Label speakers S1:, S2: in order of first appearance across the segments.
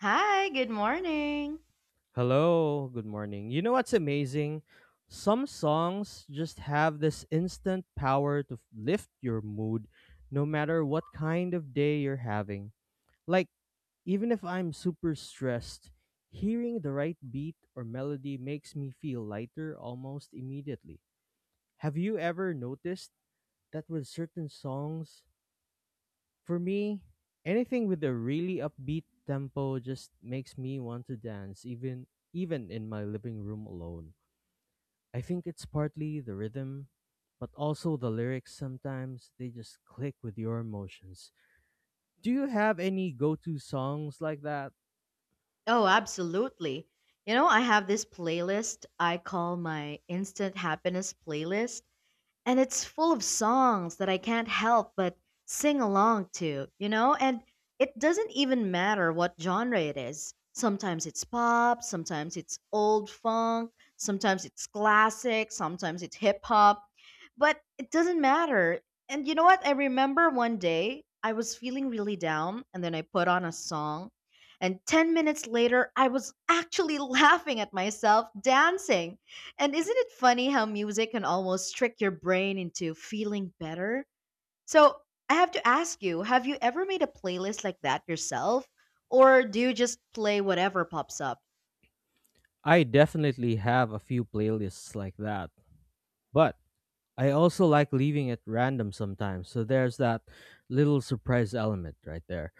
S1: Hi, good morning.
S2: Hello, good morning. You know what's amazing? Some songs just have this instant power to lift your mood no matter what kind of day you're having. Like, even if I'm super stressed, hearing the right beat or melody makes me feel lighter almost immediately. Have you ever noticed that with certain songs? For me, anything with a really upbeat tempo just makes me want to dance, even in my living room alone. I think it's partly the rhythm, but also the lyrics sometimes they just click with your emotions. Do you have any go-to songs like that?
S1: Oh, absolutely. You know, I have this playlist I call my Instant Happiness playlist, and it's full of songs that I can't help but sing along to, you know? And it doesn't even matter what genre it is. Sometimes it's pop, sometimes it's old funk, sometimes it's classic, sometimes it's hip hop, but it doesn't matter. And you know what? I remember one day I was feeling really down, and then I put on a song. And 10 minutes later, I was actually laughing at myself dancing. And isn't it funny how music can almost trick your brain into feeling better? So, I have to ask you, have you ever made a playlist like that yourself? Or do you just play whatever pops up?
S2: I definitely have a few playlists like that, but I also like leaving it random sometimes. So there's that little surprise element right there.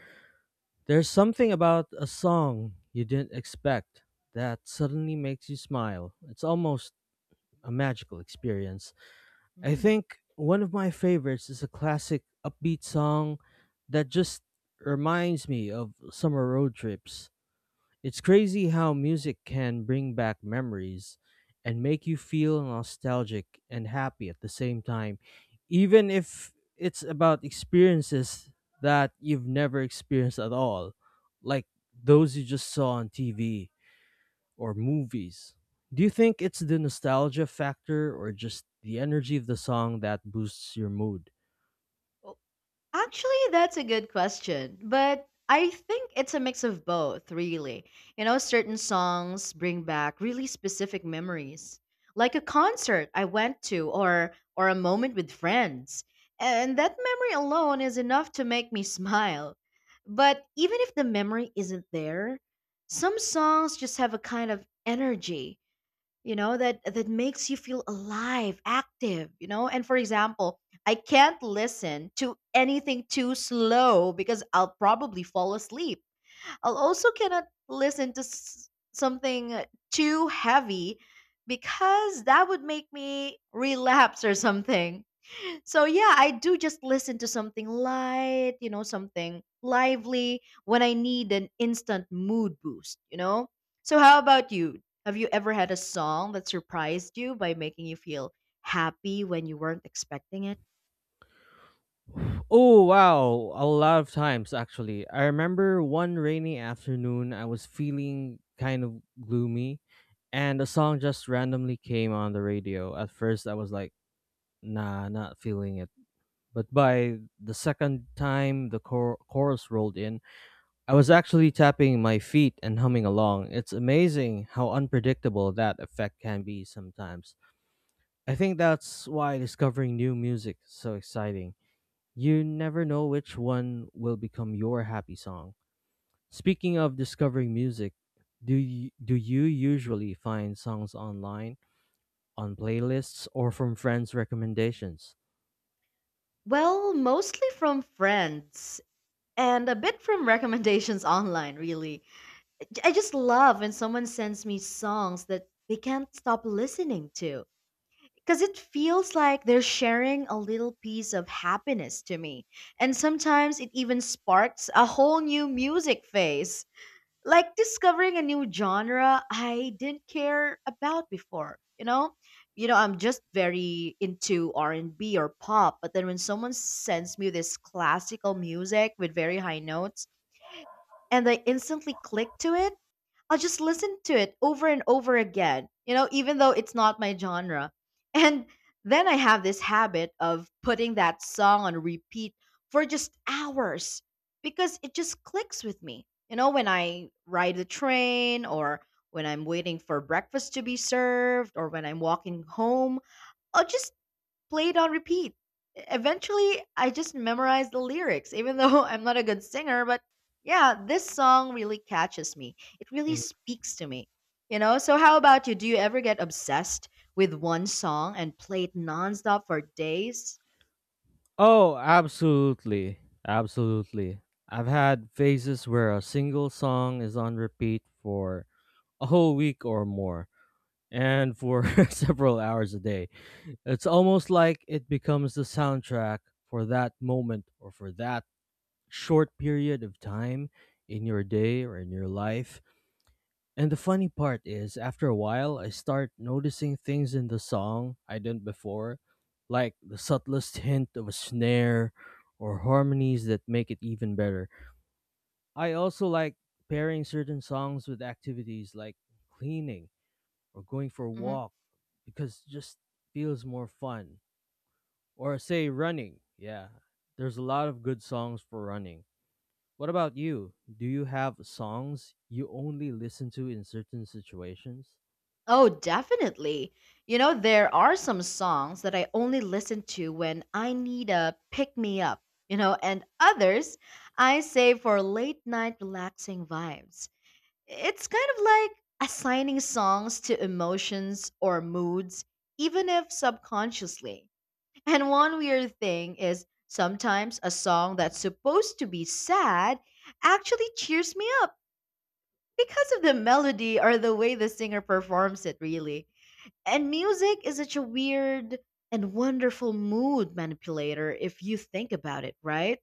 S2: There's something about a song you didn't expect that suddenly makes you smile. It's almost a magical experience. I
S1: Hmm.
S2: think one of my favorites is a classic upbeat song that just reminds me of summer road trips. It's crazy how music can bring back memories and make you feel nostalgic and happy at the same time, even if it's about experiences that you've never experienced at all, like those you just saw on TV or movies. Do you think it's the nostalgia factor or just the energy of the song that boosts your mood?
S1: Actually, that's a good question, but I think it's a mix of both, really. You know, certain songs bring back really specific memories, like a concert I went to or a moment with friends. And that memory alone is enough to make me smile. But even if the memory isn't there, some songs just have a kind of energy, you know, that makes you feel alive, active, you know? And for example, I can't listen to anything too slow because I'll probably fall asleep. I'll also cannot listen to something too heavy because that would make me relapse or something. So yeah, I do just listen to something light, you know, something lively when I need an instant mood boost, you know? So how about you? Have you ever had a song that surprised you by making you feel happy when you weren't expecting it?
S2: Oh, wow. A lot of times, actually. I remember one rainy afternoon, I was feeling kind of gloomy, and a song just randomly came on the radio. At first, I was like, nah, not feeling it. But by the second time the chorus rolled in, I was actually tapping my feet and humming along. It's amazing how unpredictable that effect can be sometimes. I think that's why discovering new music is so exciting. You never know which one will become your happy song. Speaking of discovering music, do you usually find songs online, on playlists, or from friends' recommendations?
S1: Well, mostly from friends and a bit from recommendations online, really. I just love when someone sends me songs that they can't stop listening to. Because it feels like they're sharing a little piece of happiness to me. And sometimes it even sparks a whole new music phase. Like discovering a new genre I didn't care about before, you know? You know, I'm just very into R&B or pop, but then when someone sends me this classical music with very high notes and I instantly click to it, I'll just listen to it over and over again, you know, even though it's not my genre. And then I have this habit of putting that song on repeat for just hours because it just clicks with me. You know, when I ride the train or when I'm waiting for breakfast to be served or when I'm walking home, I'll just played on repeat. Eventually, I just memorized the lyrics, even though I'm not a good singer. But yeah, this song really catches me. It really speaks to me. You know, so how about you? Do you ever get obsessed with one song and play it nonstop for days?
S2: Oh, absolutely. Absolutely. I've had phases where a single song is on repeat for a whole week or more, and for several hours a day. It's almost like it becomes the soundtrack for that moment or for that short period of time in your day or in your life. And the funny part is, after a while, I start noticing things in the song I didn't before, like the subtlest hint of a snare or harmonies that make it even better. I also like pairing certain songs with activities like cleaning or going for a
S1: Hmm.
S2: walk because it just feels more fun. Or say running. Yeah, there's a lot of good songs for running. What about you? Do you have songs you only listen to in certain situations?
S1: Oh, definitely. You know, there are some songs that I only listen to when I need a pick me up, you know, and others I save for late night relaxing vibes. It's kind of like assigning songs to emotions or moods, even if subconsciously. And one weird thing is sometimes a song that's supposed to be sad actually cheers me up because of the melody or the way the singer performs it, really. And music is such a weird and wonderful mood manipulator if you think about it, right?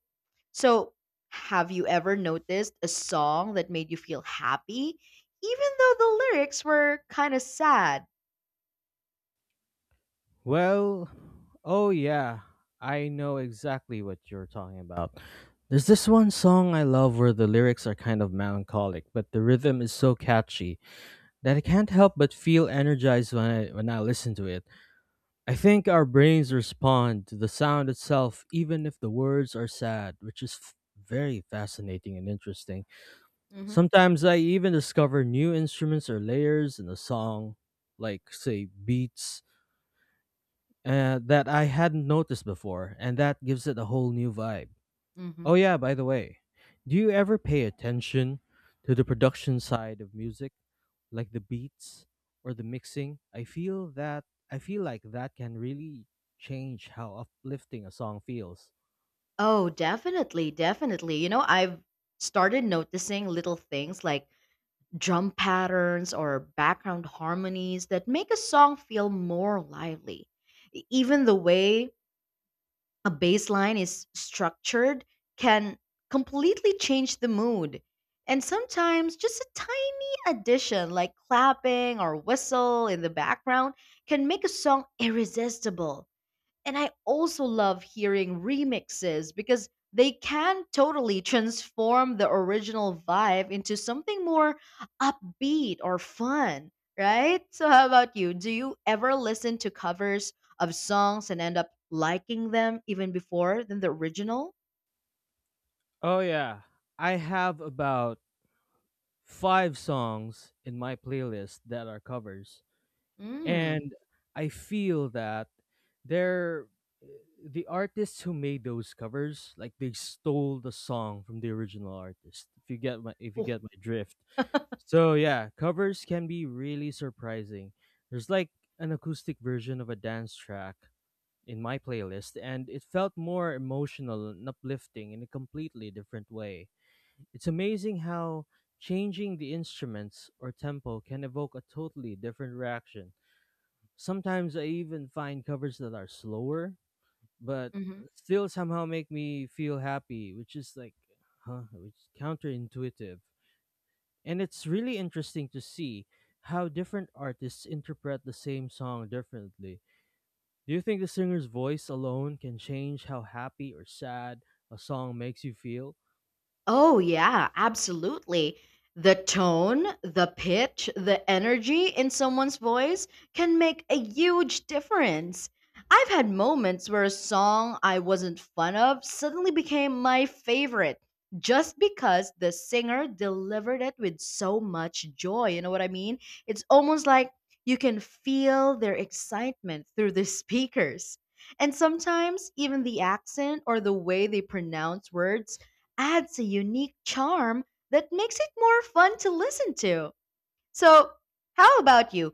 S1: So, have you ever noticed a song that made you feel happy, even though the lyrics were kind of sad?
S2: Well, oh yeah, I know exactly what you're talking about. There's this one song I love where the lyrics are kind of melancholic, but the rhythm is so catchy that I can't help but feel energized when I listen to it. I think our brains respond to the sound itself even if the words are sad, which is very fascinating and interesting.
S1: Hmm.
S2: Sometimes I even discover new instruments or layers in a song, like say beats that I hadn't noticed before, and that gives it a whole new vibe.
S1: Hmm.
S2: Oh, yeah, by the way, do you ever pay attention to the production side of music, like the beats or the mixing? I feel like that can really change how uplifting a song feels.
S1: Oh, definitely, definitely. You know, I've started noticing little things like drum patterns or background harmonies that make a song feel more lively. Even the way a baseline is structured can completely change the mood. And sometimes just a tiny addition like clapping or whistle in the background can make a song irresistible. And I also love hearing remixes because they can totally transform the original vibe into something more upbeat or fun, right? So, how about you? Do you ever listen to covers of songs and end up liking them even before than the original?
S2: Oh, yeah, I have about five songs in my playlist that are covers,
S1: Mm.
S2: and I feel that they're the artists who made those covers like they stole the song from the original artist, if you get my if you
S1: Oh.
S2: get my drift. So yeah, covers can be really surprising. There's like an acoustic version of a dance track in my playlist, and it felt more emotional and uplifting in a completely different way. It's amazing how changing the instruments or tempo can evoke a totally different reaction. Sometimes I even find covers that are slower, but still somehow make me feel happy, which is like, huh, which is counterintuitive. And it's really interesting to see how different artists interpret the same song differently. Do you think the singer's voice alone can change how happy or sad a song makes you feel?
S1: Oh, yeah, absolutely. The tone, the pitch, the energy in someone's voice can make a huge difference. I've had moments where a song I wasn't fond of suddenly became my favorite just because the singer delivered it with so much joy. You know what I mean? It's almost like you can feel their excitement through the speakers. And sometimes even the accent or the way they pronounce words adds a unique charm that makes it more fun to listen to. So, how about you?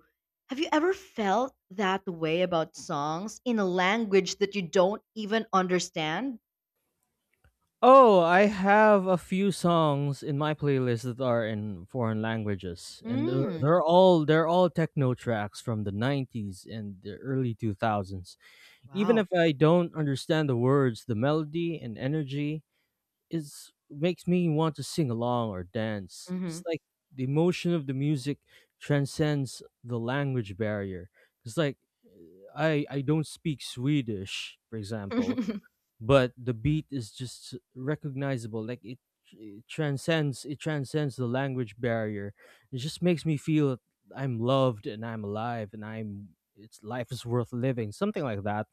S1: Have you ever felt that way about songs in a language that you don't even understand?
S2: Oh, I have a few songs in my playlist that are in foreign languages, and they're,
S1: Mm,
S2: they're all they're all techno tracks from the '90s and the early 2000s. Even
S1: wow.
S2: if I don't understand the words, the melody and energy is makes me want to sing along or dance.
S1: Hmm.
S2: It's like the emotion of the music transcends the language barrier. It's like I don't speak Swedish, for example, but the beat is just recognizable. Like it transcends, it transcends the language barrier. It just makes me feel I'm loved and I'm alive, and I'm it's life is worth living, something like that.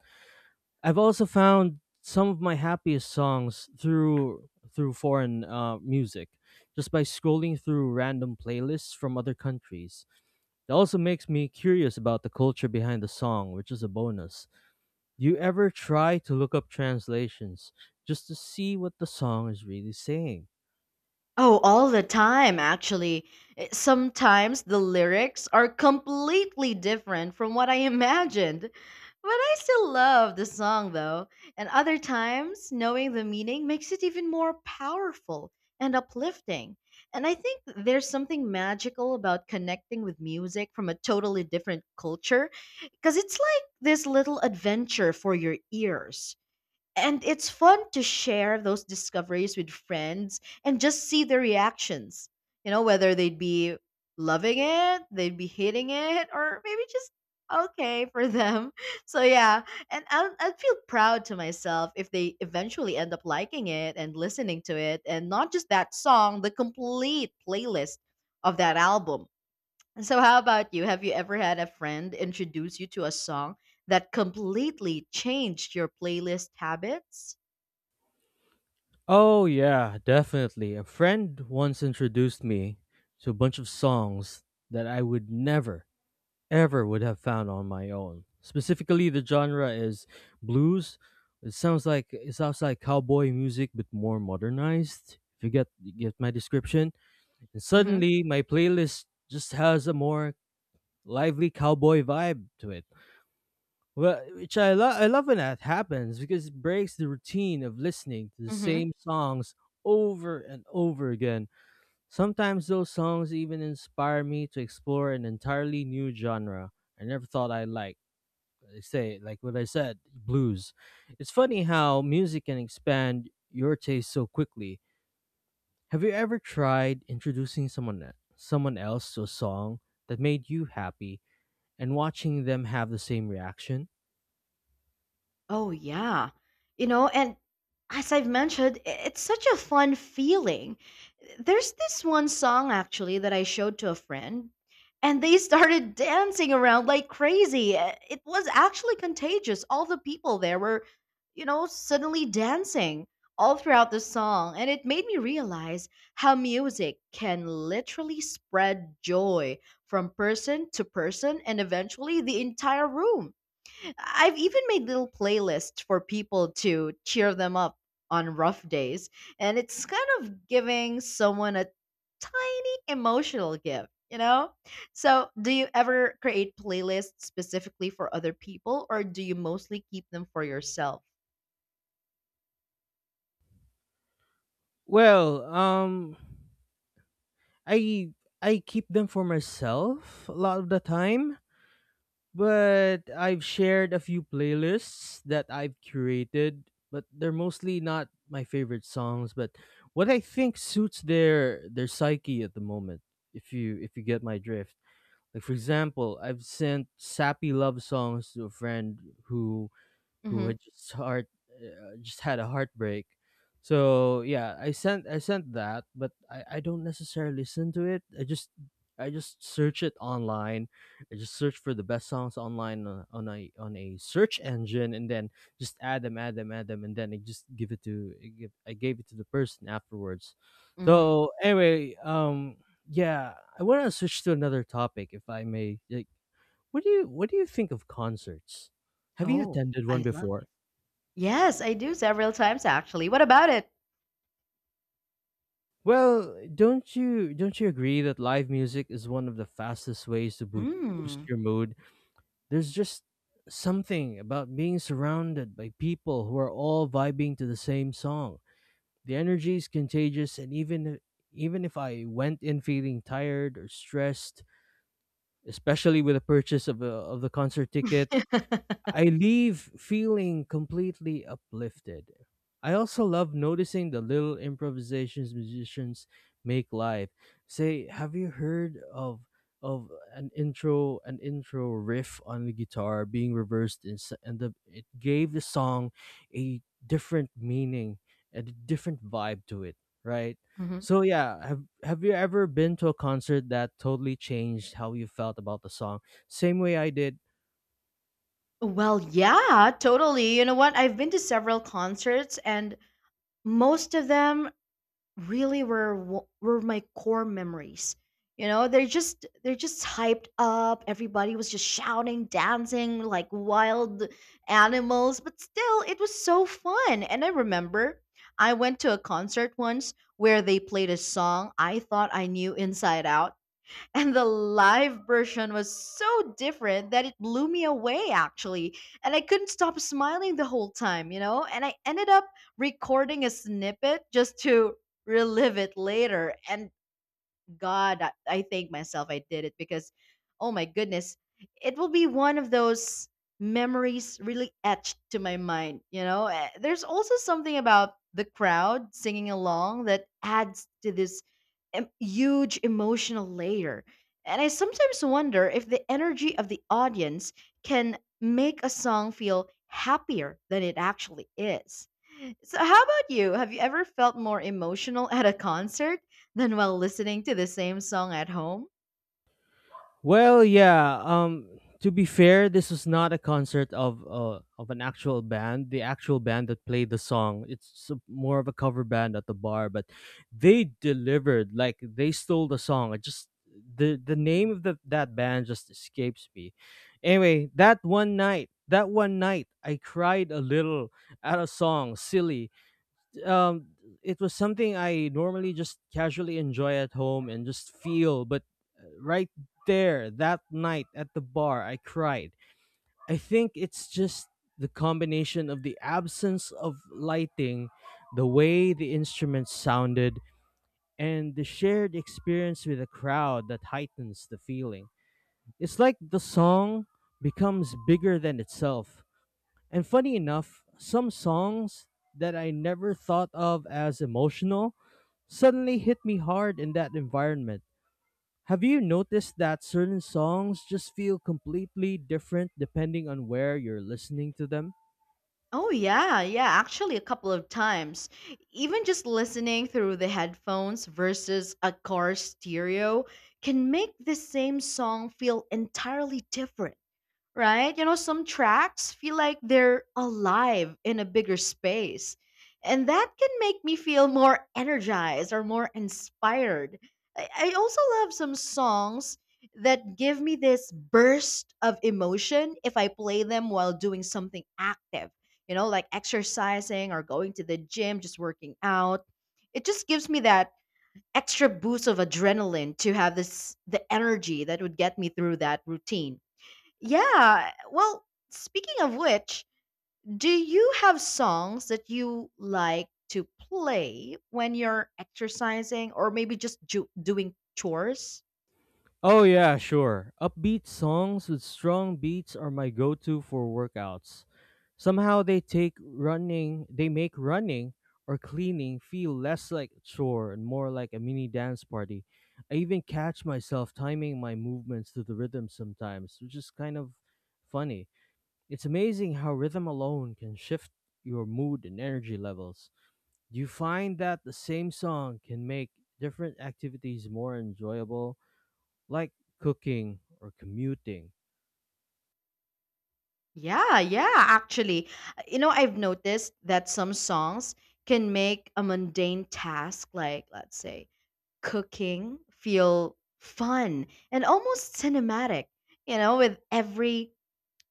S2: I've also found some of my happiest songs through foreign music, just by scrolling through random playlists from other countries. It also makes me curious about the culture behind the song, which is a bonus. Do you ever try to look up translations just to see what the song is really saying?
S1: Oh, all the time, actually. Sometimes the lyrics are completely different from what I imagined. But I still love the song, though. And other times, knowing the meaning makes it even more powerful and uplifting. And I think there's something magical about connecting with music from a totally different culture, because it's like this little adventure for your ears. And it's fun to share those discoveries with friends and just see their reactions. You know, whether they'd be loving it, they'd be hating it, or maybe just okay for them. So yeah, and I'll feel proud to myself if they eventually end up liking it and listening to it, and not just that song, the complete playlist of that album. And so, how about you? Have you ever had a friend introduce you to a song that completely changed your playlist habits?
S2: Oh, yeah, definitely. A friend once introduced me to a bunch of songs that I would never, ever would have found on my own. Specifically, the genre is blues. It sounds like cowboy music, but more modernized. If you get my description, and
S1: Mm-hmm.
S2: suddenly my playlist just has a more lively cowboy vibe to it. Well, which I love. I love when that happens because it breaks the routine of listening to the
S1: Mm-hmm.
S2: same songs over and over again. Sometimes those songs even inspire me to explore an entirely new genre I never thought I liked. They say, like what I said, blues. It's funny how music can expand your taste so quickly. Have you ever tried introducing someone else to a song that made you happy and watching them have the same reaction?
S1: Oh, yeah. You know, and as I've mentioned, it's such a fun feeling. There's this one song actually that I showed to a friend, and they started dancing around like crazy. It was actually contagious. All the people there were, you know, suddenly dancing all throughout the song, and it made me realize how music can literally spread joy from person to person and eventually the entire room. I've even made little playlists for people to cheer them up on rough days, and it's kind of giving someone a tiny emotional gift, you know? So, do you ever create playlists specifically for other people, or do you mostly keep them for yourself?
S2: Well, I I keep them for myself a lot of the time, but I've shared a few playlists that I've curated, but they're mostly not my favorite songs, but what I think suits their psyche at the moment, if you get my drift. Like for example, I've sent sappy love songs to a friend who who
S1: Hmm.
S2: had just heart just had a heartbreak. So yeah, I sent that, but I don't necessarily listen to it. I just search it online. I just search for the best songs online on a search engine, and then just add them, and then I just give it to I gave it to the person afterwards.
S1: Hmm.
S2: So anyway, yeah, I want to switch to another topic, if I may. Like, what do you think of concerts? Have you
S1: Oh,
S2: attended one
S1: I love it.
S2: before?
S1: Yes, I do several times actually. What about it?
S2: Well, don't you agree that live music is one of the fastest ways to boost
S1: Mm.
S2: your mood? There's just something about being surrounded by people who are all vibing to the same song. The energy is contagious, and even if I went in feeling tired or stressed, especially with the purchase of of the concert ticket, I leave feeling completely uplifted. I also love noticing the little improvisations musicians make live. Say, have you heard of an intro riff on the guitar being reversed in, s- and the, it gave the song a different meaning and a different vibe to it, right?
S1: Mhm.
S2: So yeah, have you ever been to a concert that totally changed how you felt about the song? Same way I did.
S1: Well, yeah, totally. You know what? I've been to several concerts, and most of them really were were my core memories. You know, they're just, they're just hyped up. Everybody was just shouting, dancing like wild animals, but still it was so fun. And I remember I went to a concert once where they played a song I thought I knew inside out, and the live version was so different that it blew me away, actually. And I couldn't stop smiling the whole time, you know? And I ended up recording a snippet just to relive it later. And God, I thank myself I did it because, oh my goodness, it will be one of those memories really etched to my mind. You know, there's also something about the crowd singing along that adds to this huge emotional layer. And I sometimes wonder if the energy of the audience can make a song feel happier than it actually is. So, how about you? Have you ever felt more emotional at a concert than while listening to the same song at home?
S2: Well, yeah. To be fair, this was not a concert of an actual band. The actual band that played the song, it's more of a cover band at the bar, but they delivered. Like they stole the song. I just the name of that band just escapes me. Anyway, that one night, I cried a little at a song, "Silly," um it was something I normally just casually enjoy at home and just feel, but right there that night at the bar, I cried. I think it's just the combination of the absence of lighting, the way the instruments sounded, and the shared experience with the crowd that heightens the feeling. It's like the song becomes bigger than itself. And funny enough, some songs that I never thought of as emotional suddenly hit me hard in that environment. Have you noticed that certain songs just feel completely different depending on where you're listening to them?
S1: Oh, yeah, yeah, actually, a couple of times. Even just listening through the headphones versus a car stereo can make the same song feel entirely different, right? You know, some tracks feel like they're alive in a bigger space. And that can make me feel more energized or more inspired. I also love some songs that give me this burst of emotion if I play them while doing something active, you know, like exercising or going to the gym, just working out. It just gives me that extra boost of adrenaline to have this the energy that would get me through that routine, yeah. Well, speaking of which, do you have songs that you like to play when you're exercising or maybe just doing chores?
S2: Oh, yeah, sure. Upbeat songs with strong beats are my go to for workouts. Somehow they take running, they make running or cleaning feel less like a chore and more like a mini dance party. I even catch myself timing my movements to the rhythm sometimes, which is kind of funny. It's amazing how rhythm alone can shift your mood and energy levels. Do you find that the same song can make different activities more enjoyable, like cooking or commuting?
S1: Yeah, yeah, actually. You know, I've noticed that some songs can make a mundane task like, let's say, cooking feel fun and almost cinematic, you know, with every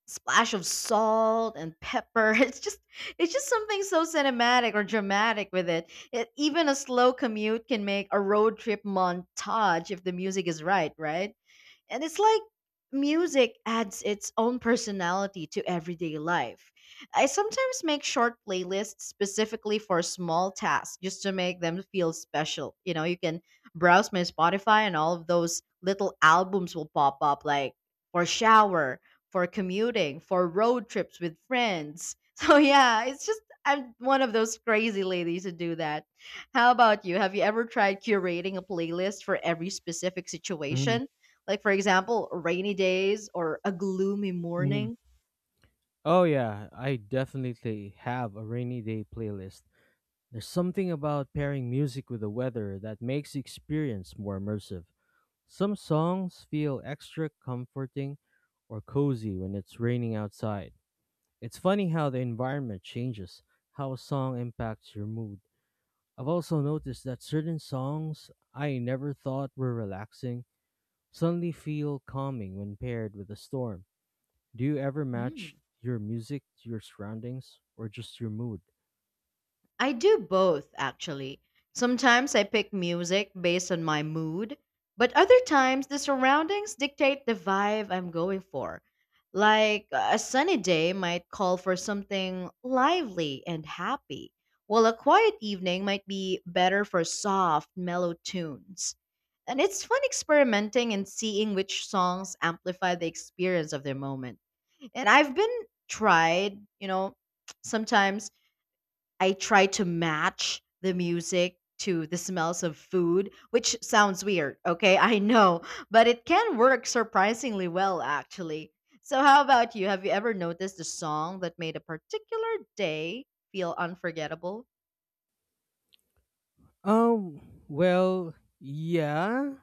S1: splash of salt and pepper. It's just something so cinematic or dramatic with it. Even a slow commute can make a road trip montage if the music is right, right? And it's like music adds its own personality to everyday life. I sometimes make short playlists specifically for small tasks just to make them feel special. You know, you can browse my Spotify and all of those little albums will pop up like for shower, for commuting, for road trips with friends. So yeah, it's just I'm one of those crazy ladies who do that. How about you? Have you ever tried curating a playlist for every specific
S2: hmm
S1: situation? Like, for example, rainy days or a gloomy
S2: hmm
S1: morning.
S2: Oh, yeah, I definitely have a rainy day playlist. There's something about pairing music with the weather that makes the experience more immersive. Some songs feel extra comforting or cozy when it's raining outside. It's funny how the environment changes how a song impacts your mood. I've also noticed that certain songs I never thought were relaxing suddenly feel calming when paired with a storm. Do you ever
S1: Mm.
S2: match your music to your surroundings or just your mood?
S1: I do both, actually. Sometimes I pick music based on my mood, but other times the surroundings dictate the vibe I'm going for. Like a sunny day might call for something lively and happy, while a quiet evening might be better for soft, mellow tunes. And it's fun experimenting and seeing which songs amplify the experience of their moment. And I've been tried, you know, sometimes I try to match the music to the smells of food, which sounds weird, okay? I know, but it can work surprisingly well, actually. So, how about you? Have you ever noticed a song that made a particular day feel unforgettable?
S2: Um, well, yeah.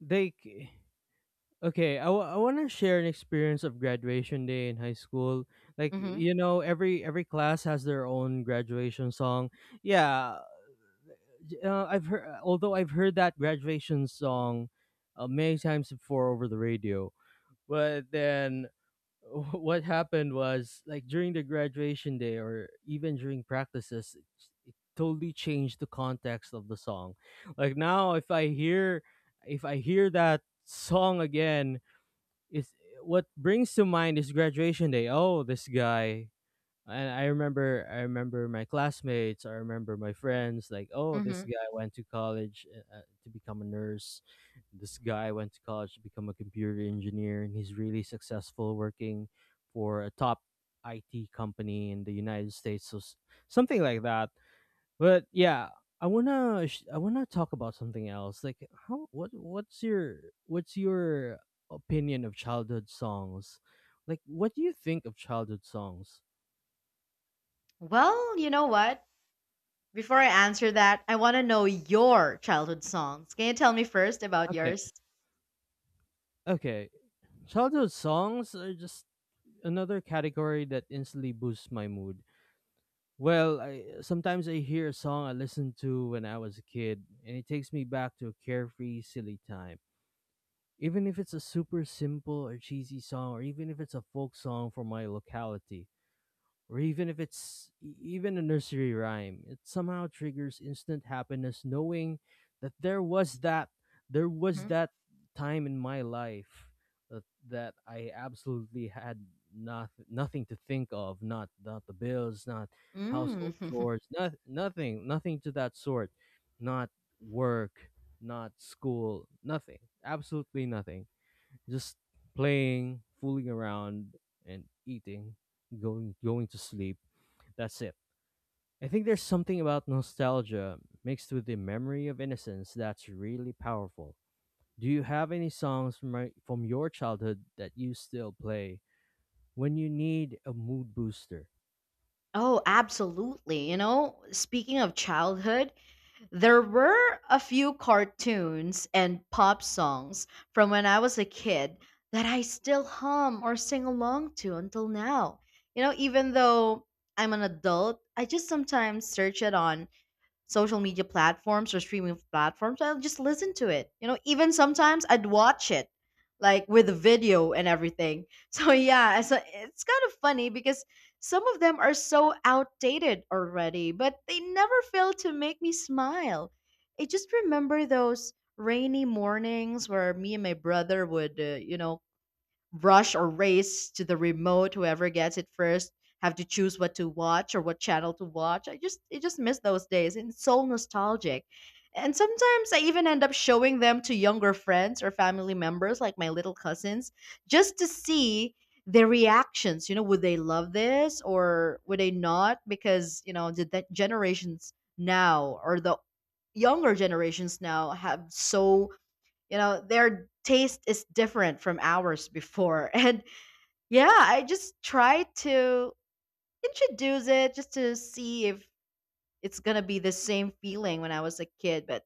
S2: Like, okay, I want to share an experience of graduation day in high school. Like,
S1: Mm-hmm.
S2: you know, every class has their own graduation song. Yeah. I've heard, although I've heard that graduation song many times before over the radio, but then what happened was like during the graduation day or even during practices, it totally changed the context of the song. Like now, if I hear that song again, it's what brings to mind is graduation day. Oh, this guy, and I remember my classmates. I remember my friends. Like, oh, this
S1: Mm-hmm.
S2: guy went to college to become a nurse. This guy went to college to become a computer engineer, and he's really successful working for a top IT company in the United States. Something like that. But yeah, I wanna talk about something else. Like, what's your opinion of childhood songs? Like, what do you think of childhood songs?
S1: Well, you know what? Before I answer that, I want to know your childhood songs. Can you tell me first about yours?
S2: Okay. Childhood songs are just another category that instantly boosts my mood. Well, sometimes I hear a song I listened to when I was a kid, and it takes me back to a carefree, silly time. Even if it's a super simple or cheesy song, or even if it's a folk song from my locality, or even if it's even a nursery rhyme, it somehow triggers instant happiness knowing that there was that there was
S1: Mm-hmm.
S2: that time in my life that, that I absolutely had not nothing to think of, not not the bills, not household
S1: Mm.
S2: chores, not, nothing, nothing to that sort, not work, not school, nothing, absolutely nothing, just playing, fooling around, and eating, going to sleep. That's it. I think there's something about nostalgia mixed with the memory of innocence that's really powerful. Do you have any songs from your childhood that you still play when you need a mood booster?
S1: Oh, absolutely. You know, speaking of childhood, there were a few cartoons and pop songs from when I was a kid that I still hum or sing along to until now. You know, even though I'm an adult, I just sometimes search it on social media platforms or streaming platforms. I'll just listen to it. You know, even sometimes I'd watch it like with the video and everything. So yeah, so it's kind of funny because some of them are so outdated already, but they never fail to make me smile. I just remember those rainy mornings where me and my brother would, you know, rush or race to the remote, whoever gets it first, have to choose what to watch or what channel to watch. I just miss those days, and it's so nostalgic. And sometimes I even end up showing them to younger friends or family members like my little cousins, just to see their reactions, you know? Would they love this or would they not? Because you know the generations now or the younger generations now have so, you know, their taste is different from ours before. And yeah, I just try to introduce it just to see if it's gonna be the same feeling when I was a kid, but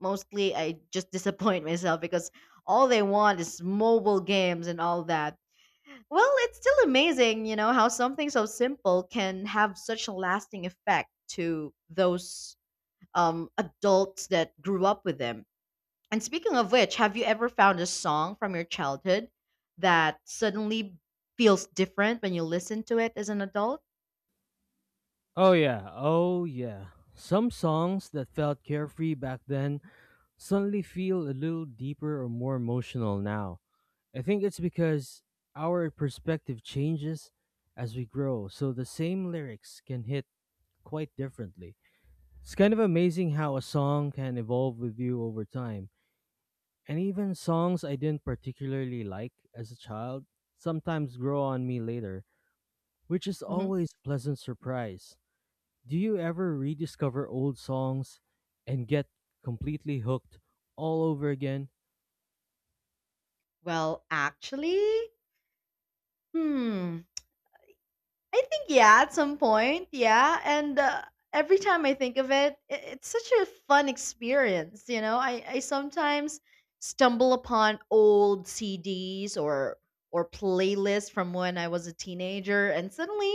S1: mostly I just disappoint myself because all they want is mobile games and all that. Well, it's still amazing, you know, how something so simple can have such a lasting effect to those adults that grew up with them. And speaking of which, have you ever found a song from your childhood that suddenly feels different when you listen to it as an adult?
S2: Oh yeah, oh yeah. Some songs that felt carefree back then suddenly feel a little deeper or more emotional now. I think it's because our perspective changes as we grow, so the same lyrics can hit quite differently. It's kind of amazing how a song can evolve with you over time. And even songs I didn't particularly like as a child sometimes grow on me later, which is
S1: hmm
S2: always a pleasant surprise. Do you ever rediscover old songs and get completely hooked all over again?
S1: Well, actually, hmm, I think, yeah, at some point, yeah. And Every time I think of it, I it's such a fun experience. You know, I sometimes stumble upon old CDs or playlists from when I was a teenager, and suddenly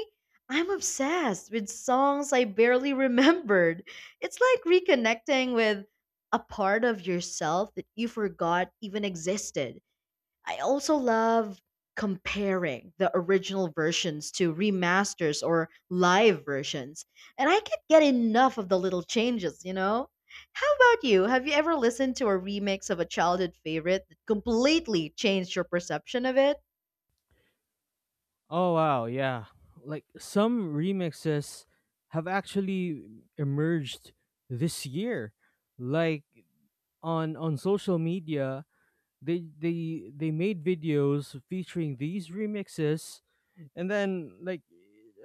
S1: I'm obsessed with songs I barely remembered. It's like reconnecting with a part of yourself that you forgot even existed. I also love comparing the original versions to remasters or live versions, and I can't get enough of the little changes, you know? How about you? Have you ever listened to a remix of a childhood favorite that completely changed your perception of it?
S2: Oh wow, yeah. Like some remixes have actually emerged this year. Like on social media, they made videos featuring these remixes, and then like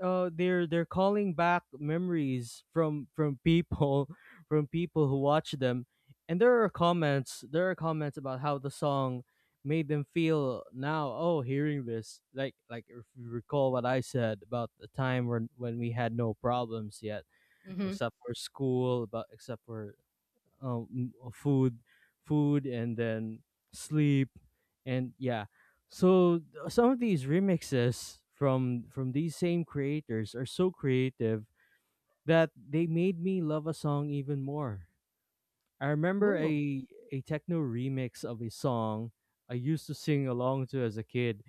S2: they're calling back memories from people, from people who watch them, and there are comments about how the song made them feel now. Oh, hearing this, like if you recall what I said about the time when we had no problems yet,
S1: Mm-hmm.
S2: except for school, about except for food, food, and then sleep, and yeah. Some of these remixes from these same creators are so creative that they made me love a song even more. I remember
S1: Ooh.
S2: a techno remix of a song I used to sing along to as a kid,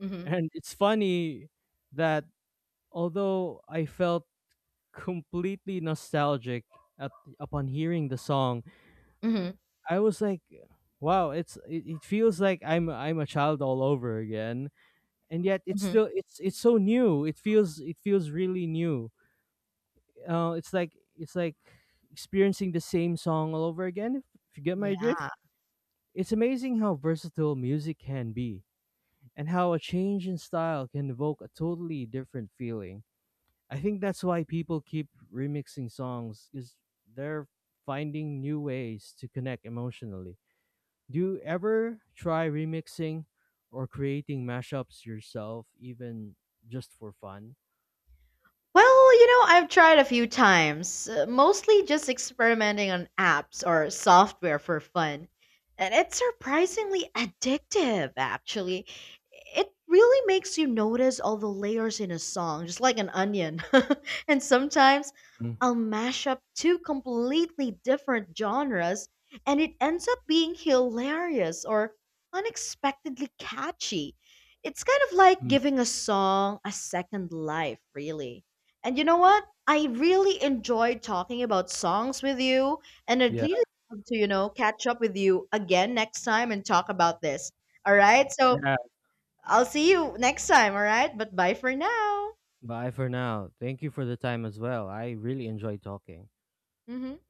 S1: Mm-hmm.
S2: and it's funny that although I felt completely nostalgic at, upon hearing the song,
S1: Mm-hmm.
S2: I was like, wow, it feels like I'm a child all over again, and yet it's
S1: Mm-hmm.
S2: still it's it's so new. It feels really new. It's like experiencing the same song all over again. If you get
S1: Yeah.
S2: my drift, it's amazing how versatile music can be, and how a change in style can evoke a totally different feeling. I think that's why people keep remixing songs, is they're finding new ways to connect emotionally. Do you ever try remixing or creating mashups yourself, even just for fun?
S1: Well, you know, I've tried a few times, mostly just experimenting on apps or software for fun. And it's surprisingly addictive, actually. It really makes you notice all the layers in a song, just like an onion. And sometimes
S2: Mm,
S1: I'll mash up two completely different genres, and it ends up being hilarious or unexpectedly catchy. It's kind of like
S2: mm.
S1: giving a song a second life, really. And you know what? I really enjoyed talking about songs with you, and I'd
S2: Yeah.
S1: really love to, you know, catch up with you again next time and talk about this. All right? So
S2: Yeah.
S1: I'll see you next time, all right? But bye for now.
S2: Bye for now. Thank you for the time as well. I really enjoyed talking.
S1: Hmm.